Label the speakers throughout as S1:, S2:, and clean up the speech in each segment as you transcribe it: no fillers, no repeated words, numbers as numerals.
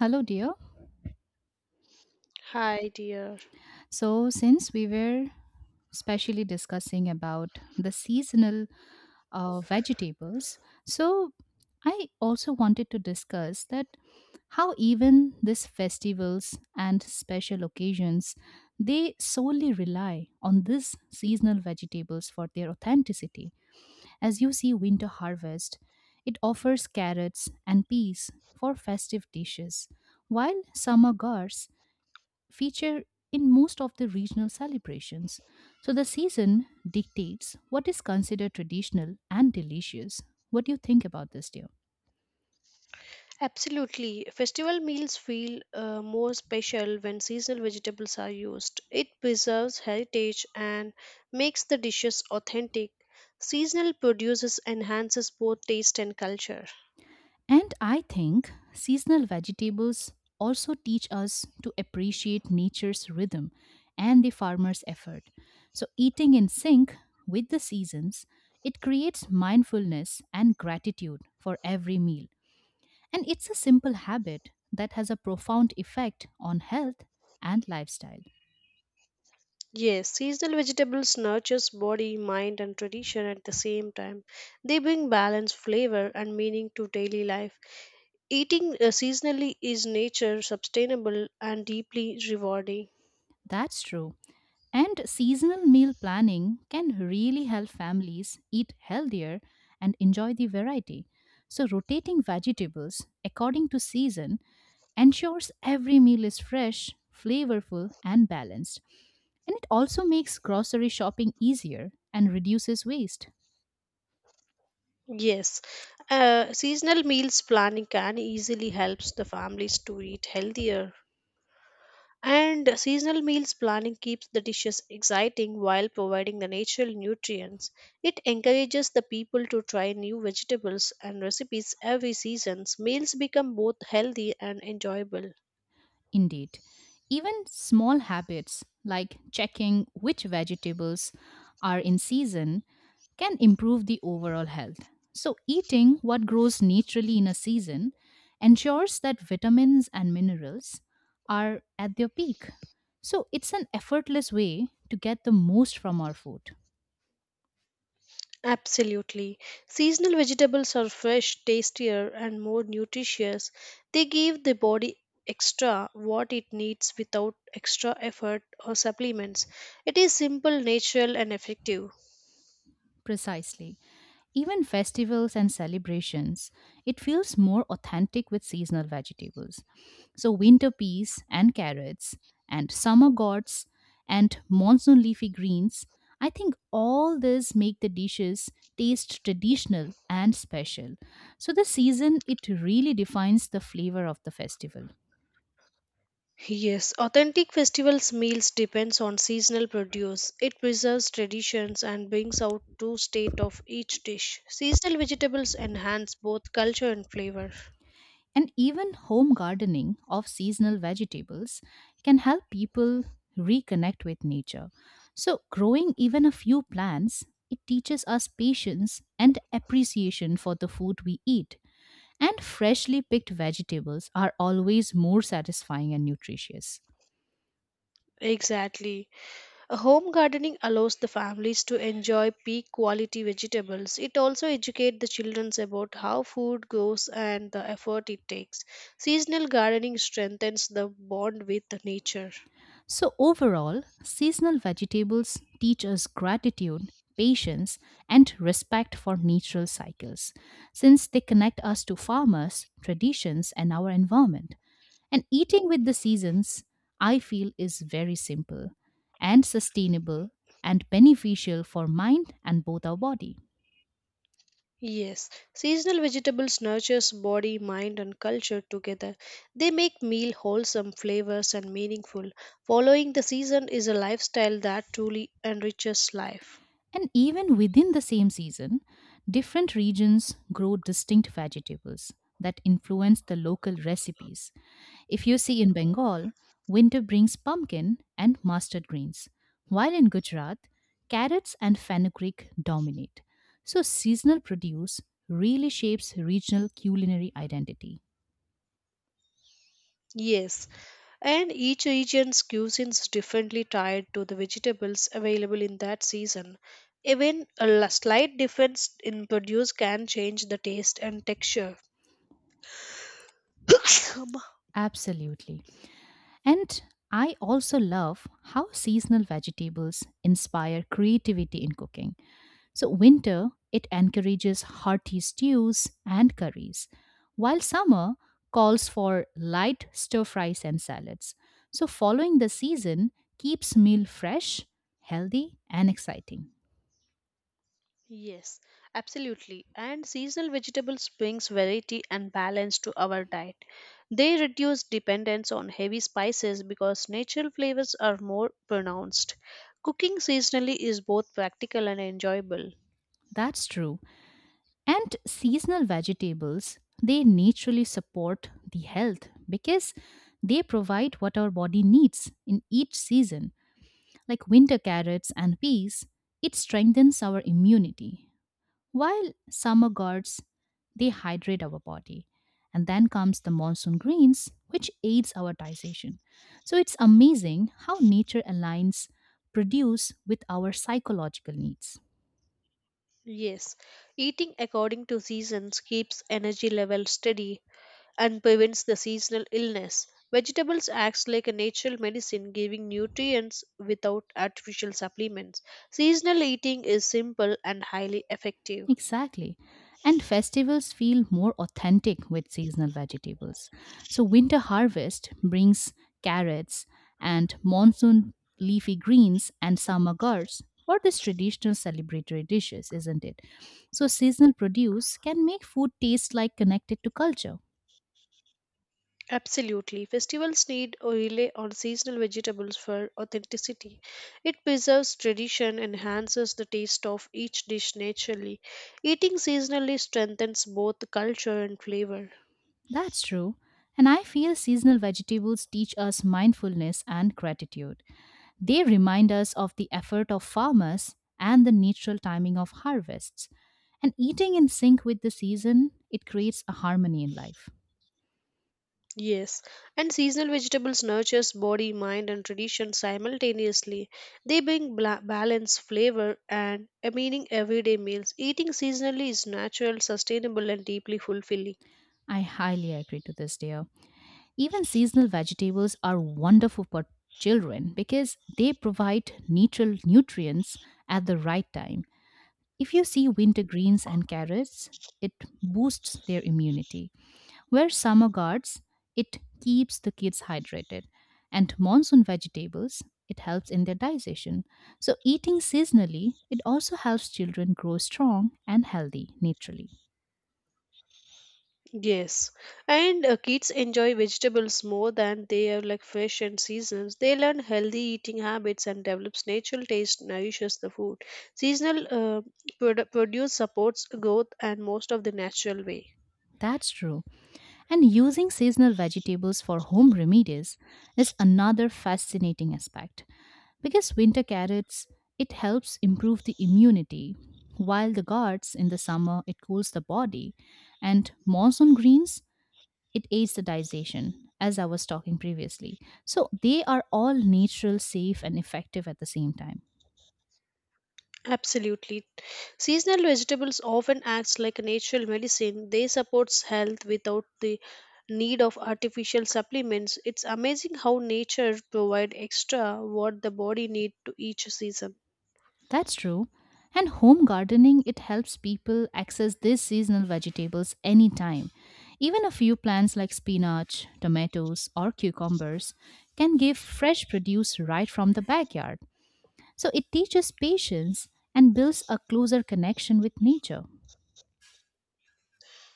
S1: Hello, dear.
S2: Hi, dear.
S1: So, since we were specially discussing about the seasonal vegetables, so I also wanted to discuss that how even these festivals and special occasions they solely rely on these seasonal vegetables for their authenticity. As you see, winter harvest it offers carrots and peas for festive dishes, while summer gourds feature in most of the regional celebrations. So the season dictates what is considered traditional and delicious. What do you think about this, dear?
S2: Absolutely. Festival meals feel more special when seasonal vegetables are used. It preserves heritage and makes the dishes authentic. Seasonal produces enhances both taste and culture.
S1: And I think seasonal vegetables also teach us to appreciate nature's rhythm and the farmer's effort. So, eating in sync with the seasons, it creates mindfulness and gratitude for every meal. And it's a simple habit that has a profound effect on health and lifestyle.
S2: Yes, seasonal vegetables nurtures body, mind and tradition at the same time. They bring balance, flavor and meaning to daily life. Eating seasonally is nature sustainable and deeply rewarding.
S1: That's true. And seasonal meal planning can really help families eat healthier and enjoy the variety. So, rotating vegetables according to season ensures every meal is fresh, flavorful, and balanced. And it also makes grocery shopping easier and reduces waste.
S2: Yes, seasonal meals planning can easily helps the families to eat healthier. And seasonal meals planning keeps the dishes exciting while providing the natural nutrients. It encourages the people to try new vegetables and recipes every season. Meals become both healthy and enjoyable.
S1: Indeed, even small habits like checking which vegetables are in season can improve the overall health. So, eating what grows naturally in a season ensures that vitamins and minerals are at their peak. So, it's an effortless way to get the most from our food.
S2: Absolutely. Seasonal vegetables are fresh, tastier, and more nutritious. They give the body extra what it needs without extra effort or supplements. It is simple, natural, and effective.
S1: Precisely. Even festivals and celebrations, it feels more authentic with seasonal vegetables. So, winter peas and carrots, and summer gourds, and monsoon leafy greens, I think all this make the dishes taste traditional and special. So, the season, it really defines the flavor of the festival.
S2: Yes, authentic festivals meals depends on seasonal produce. It preserves traditions and brings out true state of each dish. Seasonal vegetables enhance both culture and flavor.
S1: And even home gardening of seasonal vegetables can help people reconnect with nature. So, growing even a few plants, it teaches us patience and appreciation for the food we eat. And freshly picked vegetables are always more satisfying and nutritious.
S2: Exactly. Home gardening allows the families to enjoy peak quality vegetables. It also educates the children about how food goes and the effort it takes. Seasonal gardening strengthens the bond with the nature.
S1: So, overall, seasonal vegetables teach us gratitude, patience, and respect for natural cycles, since they connect us to farmers, traditions, and our environment. And eating with the seasons, I feel, is very simple and sustainable and beneficial for mind and both our body.
S2: Yes, seasonal vegetables nurtures body, mind and culture together. They make meal wholesome, flavors and meaningful. Following the season is a lifestyle that truly enriches life.
S1: And even within the same season, different regions grow distinct vegetables that influence the local recipes. If you see in Bengal, winter brings pumpkin and mustard greens, while in Gujarat, carrots and fenugreek dominate. So, seasonal produce really shapes regional culinary identity.
S2: Yes, and each region's cuisines differently tied to the vegetables available in that season. Even a slight difference in produce can change the taste and texture.
S1: Absolutely. And I also love how seasonal vegetables inspire creativity in cooking. So, winter, it encourages hearty stews and curries, while summer calls for light stir fries and salads. So, following the season keeps meal fresh, healthy, and exciting.
S2: Yes, absolutely. And seasonal vegetables brings variety and balance to our diet. They reduce dependence on heavy spices because natural flavors are more pronounced. Cooking seasonally is both practical and enjoyable.
S1: That's true. And seasonal vegetables, they naturally support the health because they provide what our body needs in each season, like winter carrots and peas. It strengthens our immunity. While summer gods, they hydrate our body. And then comes the monsoon greens, which aids our digestion. So it's amazing how nature aligns produce with our psychological needs.
S2: Yes, eating according to seasons keeps energy level steady and prevents the seasonal illness. Vegetables acts like a natural medicine giving nutrients without artificial supplements. Seasonal eating is simple and highly effective.
S1: Exactly. And festivals feel more authentic with seasonal vegetables. So, winter harvest brings carrots and monsoon leafy greens and summer gourds for these traditional celebratory dishes, isn't it? So, seasonal produce can make food taste like connected to culture.
S2: Absolutely. Festivals need or rely on seasonal vegetables for authenticity. It preserves tradition, enhances the taste of each dish naturally. Eating seasonally strengthens both culture and flavor.
S1: That's true. And I feel seasonal vegetables teach us mindfulness and gratitude. They remind us of the effort of farmers and the natural timing of harvests. And eating in sync with the season, it creates a harmony in life.
S2: Yes, and seasonal vegetables nurtures body, mind, and tradition simultaneously. They bring balance, flavor, and a meaning everyday meals. Eating seasonally is natural, sustainable, and deeply fulfilling.
S1: I highly agree to this, dear. Even seasonal vegetables are wonderful for children because they provide natural nutrients at the right time. If you see winter greens and carrots, it boosts their immunity. Where summer guards, it keeps the kids hydrated, and monsoon vegetables, it helps in their digestion. So, eating seasonally, it also helps children grow strong and healthy naturally.
S2: Yes, and kids enjoy vegetables more than they are like fresh and seasons. They learn healthy eating habits and develops natural taste, nourishes the food. Seasonal produce supports growth and most of the natural way.
S1: That's true. And using seasonal vegetables for home remedies is another fascinating aspect because winter carrots it helps improve the immunity, while the guards in the summer it cools the body, and monsoon greens it aids the digestion, as I was talking previously. So they are all natural, safe and effective at the same time.
S2: Absolutely. Seasonal vegetables often act like a natural medicine. They support health without the need of artificial supplements. It's amazing how nature provides extra what the body needs to each season.
S1: That's true. And home gardening it helps people access these seasonal vegetables anytime. Even a few plants like spinach, tomatoes or cucumbers can give fresh produce right from the backyard. So it teaches patience and builds a closer connection with nature.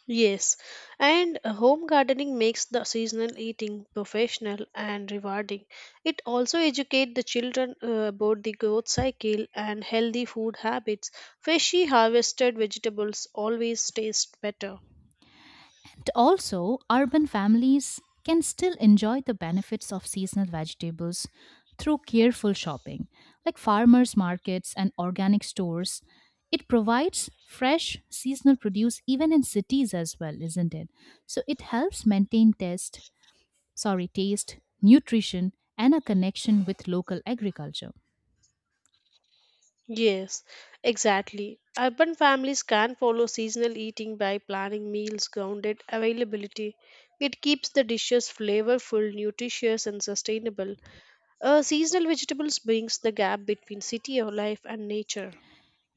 S2: Yes, and home gardening makes the seasonal eating professional and rewarding. It also educates the children about the growth cycle and healthy food habits. Freshly harvested vegetables always taste better.
S1: Also, urban families can still enjoy the benefits of seasonal vegetables through careful shopping, like farmers' markets and organic stores. It provides fresh seasonal produce even in cities as well, isn't it? So it helps maintain taste, sorry, taste, nutrition, and a connection with local agriculture.
S2: Yes, exactly. Urban families can follow seasonal eating by planning meals grounded availability. It keeps the dishes flavorful, nutritious, and sustainable. Seasonal vegetables brings the gap between city life and nature.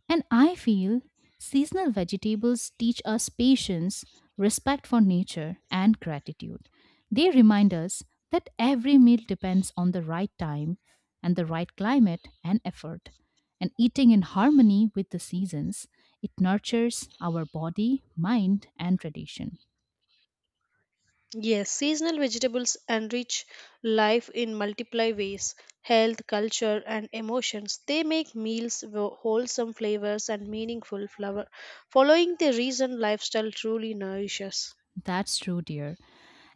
S1: And I feel seasonal vegetables teach us patience, respect for nature, and gratitude. They remind us that every meal depends on the right time and the right climate and effort. And eating in harmony with the seasons, it nurtures our body, mind, and tradition.
S2: Yes, seasonal vegetables enrich life in multiple ways health, culture, and emotions. They make meals wholesome flavors and meaningful flavor. Following the reason lifestyle truly nourishes.
S1: That's true, dear.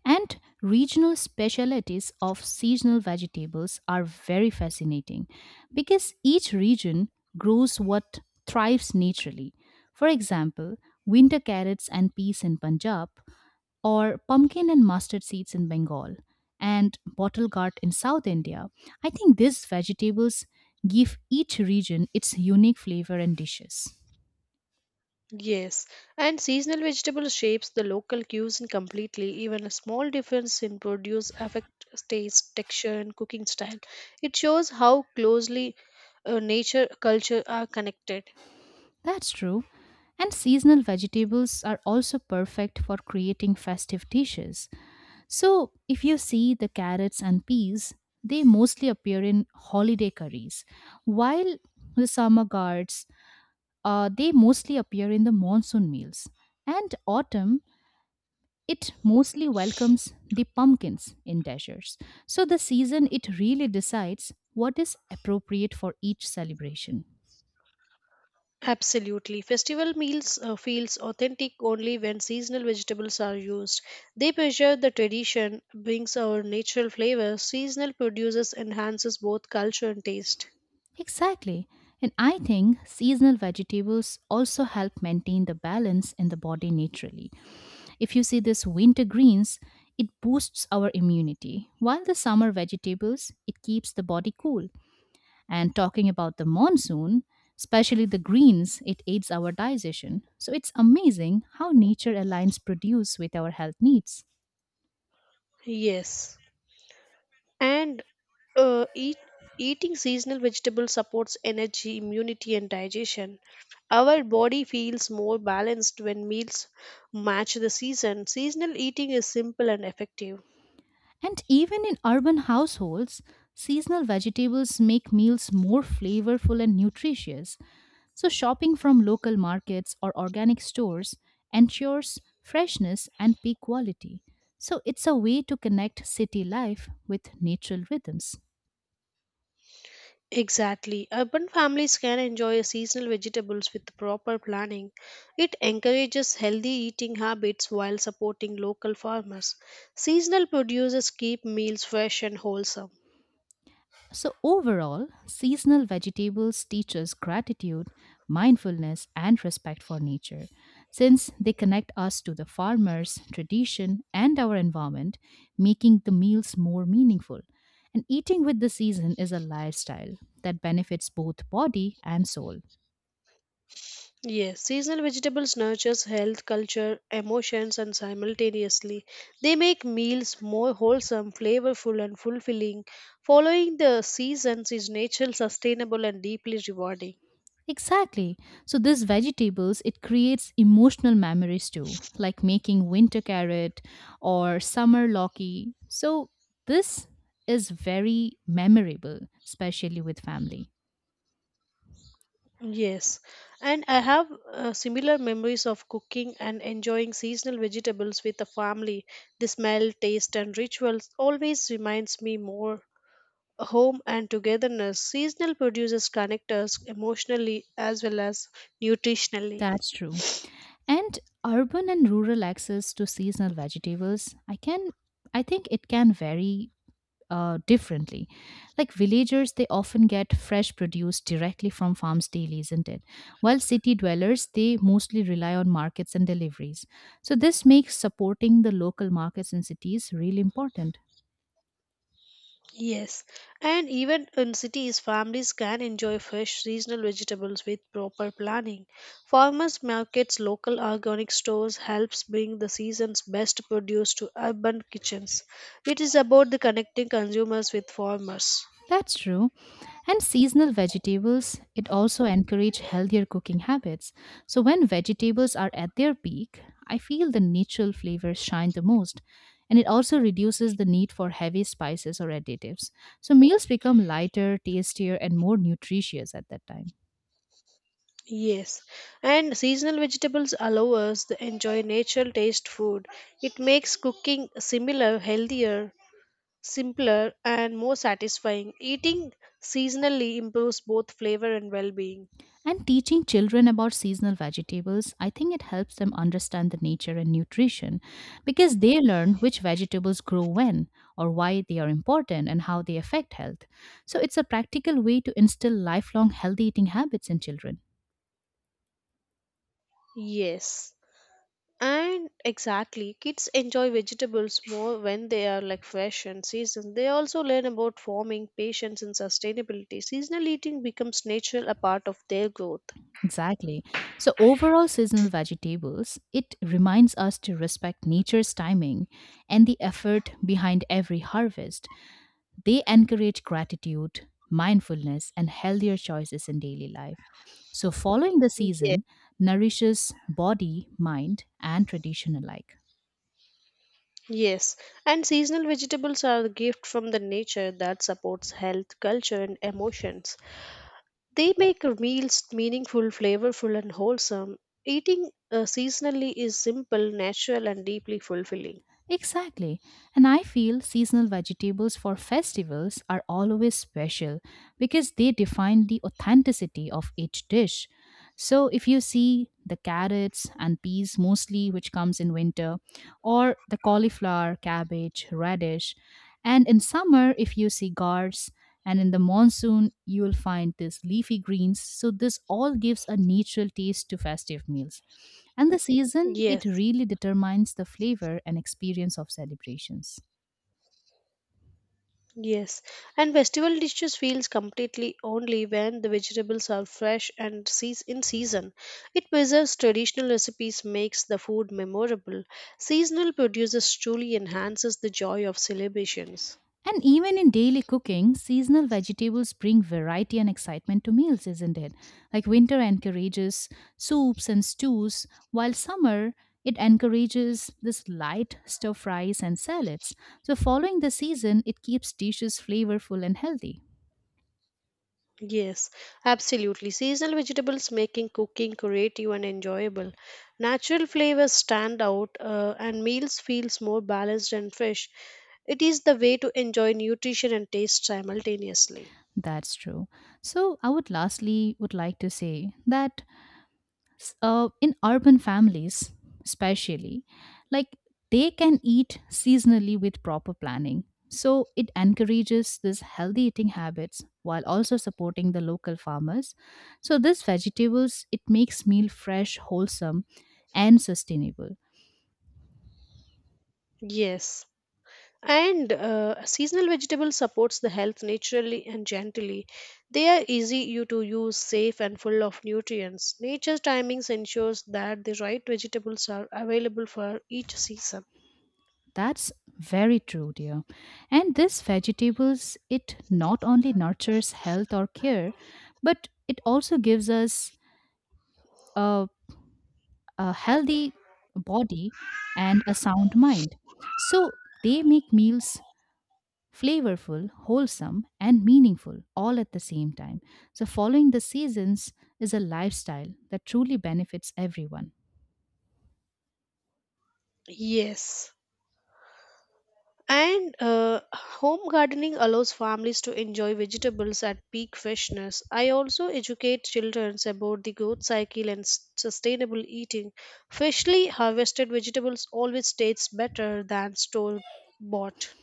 S1: And regional specialities of seasonal vegetables are very fascinating because each region grows what thrives naturally. For example, winter carrots and peas in Punjab, or pumpkin and mustard seeds in Bengal, and bottle gourd in South India. I think these vegetables give each region its unique flavor and dishes.
S2: Yes, and seasonal vegetable shapes the local cuisine completely. Even a small difference in produce affects taste, texture, and cooking style. It shows how closely nature culture are connected.
S1: That's true. And seasonal vegetables are also perfect for creating festive dishes. So, if you see the carrots and peas, they mostly appear in holiday curries, while the summer gourds, they mostly appear in the monsoon meals. And autumn, it mostly welcomes the pumpkins in deserts. So, the season, it really decides what is appropriate for each celebration.
S2: Absolutely, festival meals feels authentic only when seasonal vegetables are used. They preserve the tradition, brings our natural flavor. Seasonal produces enhances both culture and taste.
S1: Exactly. And I think seasonal vegetables also help maintain the balance in the body naturally. If you see this winter greens, it boosts our immunity, while the summer vegetables, it keeps the body cool. And talking about the monsoon, especially the greens, it aids our digestion. So it's amazing how nature aligns produce with our health needs.
S2: Yes. And Uh, eat, eating seasonal vegetables supports energy, immunity, and digestion. Our body feels more balanced when meals match the season. Seasonal eating is simple and effective.
S1: And even in urban households, seasonal vegetables make meals more flavorful and nutritious. So, shopping from local markets or organic stores ensures freshness and peak quality. So, it's a way to connect city life with natural rhythms.
S2: Exactly. Urban families can enjoy seasonal vegetables with proper planning. It encourages healthy eating habits while supporting local farmers. Seasonal producers keep meals fresh and wholesome.
S1: So, overall, seasonal vegetables teach us gratitude, mindfulness, and respect for nature. Since they connect us to the farmers, tradition, and our environment, making the meals more meaningful. And eating with the season is a lifestyle that benefits both body and soul.
S2: Yes, seasonal vegetables nurtures health, culture, emotions and simultaneously. They make meals more wholesome, flavorful and fulfilling. Following the seasons is natural, sustainable and deeply rewarding.
S1: Exactly. So these vegetables it creates emotional memories too, like making winter carrot or summer loki. So this is very memorable, especially with family.
S2: Yes, and I have similar memories of cooking and enjoying seasonal vegetables with the family. The smell, taste, and rituals always reminds me more home and togetherness. Seasonal produces connect us emotionally as well as nutritionally.
S1: That's true. And urban and rural access to seasonal vegetables, I think it can vary differently. Like villagers, they often get fresh produce directly from farms daily, isn't it? While city dwellers, they mostly rely on markets and deliveries. So, this makes supporting the local markets in cities really important.
S2: Yes, and even in cities, families can enjoy fresh seasonal vegetables with proper planning. Farmers markets, local organic stores helps bring the season's best produce to urban kitchens. It is about the connecting consumers with farmers.
S1: That's true. And seasonal vegetables it also encourage healthier cooking habits. So when vegetables are at their peak, I feel the natural flavors shine the most, and it also reduces the need for heavy spices or additives. So meals become lighter, tastier and more nutritious at that time.
S2: Yes, and seasonal vegetables allow us to enjoy natural taste food. It makes cooking similar, healthier, simpler, and more satisfying. Eating seasonally improves both flavor and well-being.
S1: And teaching children about seasonal vegetables, I think it helps them understand the nature and nutrition because they learn which vegetables grow when, or why they are important and how they affect health. So it's a practical way to instill lifelong healthy eating habits in children.
S2: Yes. And exactly, kids enjoy vegetables more when they are like fresh and seasoned. They also learn about farming, patience, and sustainability. Seasonal eating becomes natural a part of their growth.
S1: Exactly. So overall seasonal vegetables, it reminds us to respect nature's timing and the effort behind every harvest. They encourage gratitude, mindfulness, and healthier choices in daily life. So, following the
S2: Yes.
S1: season nourishes body, mind, and tradition alike.
S2: Yes. And seasonal vegetables are a gift from the nature that supports health, culture, and emotions. They make meals meaningful, flavorful, and wholesome. Eating seasonally is simple, natural, and deeply fulfilling.
S1: Exactly. And I feel seasonal vegetables for festivals are always special because they define the authenticity of each dish. So if you see the carrots and peas mostly which comes in winter, or the cauliflower, cabbage, radish, and in summer if you see gourds, and in the monsoon you will find these leafy greens, so this all gives a natural taste to festive meals. And the season, it
S2: Yes.
S1: really determines the flavor and experience of celebrations.
S2: Yes, and festival dishes feels completely only when the vegetables are fresh and in season. It preserves traditional recipes, makes the food memorable. Seasonal produces truly enhances the joy of celebrations.
S1: And even in daily cooking, seasonal vegetables bring variety and excitement to meals, isn't it? Like winter encourages soups and stews, while summer, it encourages this light stir fries and salads. So, following the season, it keeps dishes flavorful and healthy.
S2: Yes, absolutely. Seasonal vegetables making cooking creative and enjoyable. Natural flavors stand out, and meals feels more balanced and fresh. It is the way to enjoy nutrition and taste simultaneously.
S1: That's true. So, I would lastly would like to say that in urban families especially, like, they can eat seasonally with proper planning. So it encourages this healthy eating habits while also supporting the local farmers. So this vegetables it makes meal fresh, wholesome and sustainable.
S2: Yes. And seasonal vegetable supports the health naturally and gently. They are easy you to use, safe and full of nutrients. Nature's timings ensures that the right vegetables are available for each season.
S1: That's very true, dear. And this vegetables it not only nurtures health or care, but it also gives us uh, a healthy body and a sound mind. So they make meals flavorful, wholesome, and meaningful all at the same time. So following the seasons is a lifestyle that truly benefits everyone.
S2: Yes. And home gardening allows families to enjoy vegetables at peak freshness. I also educate children about the growth cycle and sustainable eating. Freshly harvested vegetables always tastes better than store bought.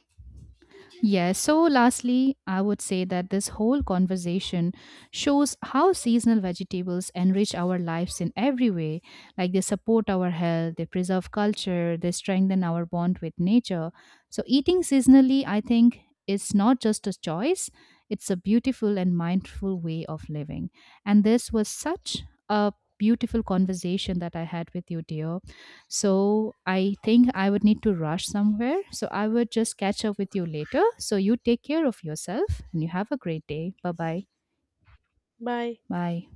S1: Yeah, so lastly, I would say that this whole conversation shows how seasonal vegetables enrich our lives in every way. Like they support our health, they preserve culture, they strengthen our bond with nature. So, eating seasonally, I think, is not just a choice, it's a beautiful and mindful way of living. And this was such a beautiful conversation that I had with you, dear. So I think I would need to rush somewhere. So I would just catch up with you later. So you take care of yourself and you have a great day. Bye bye.
S2: Bye.
S1: Bye.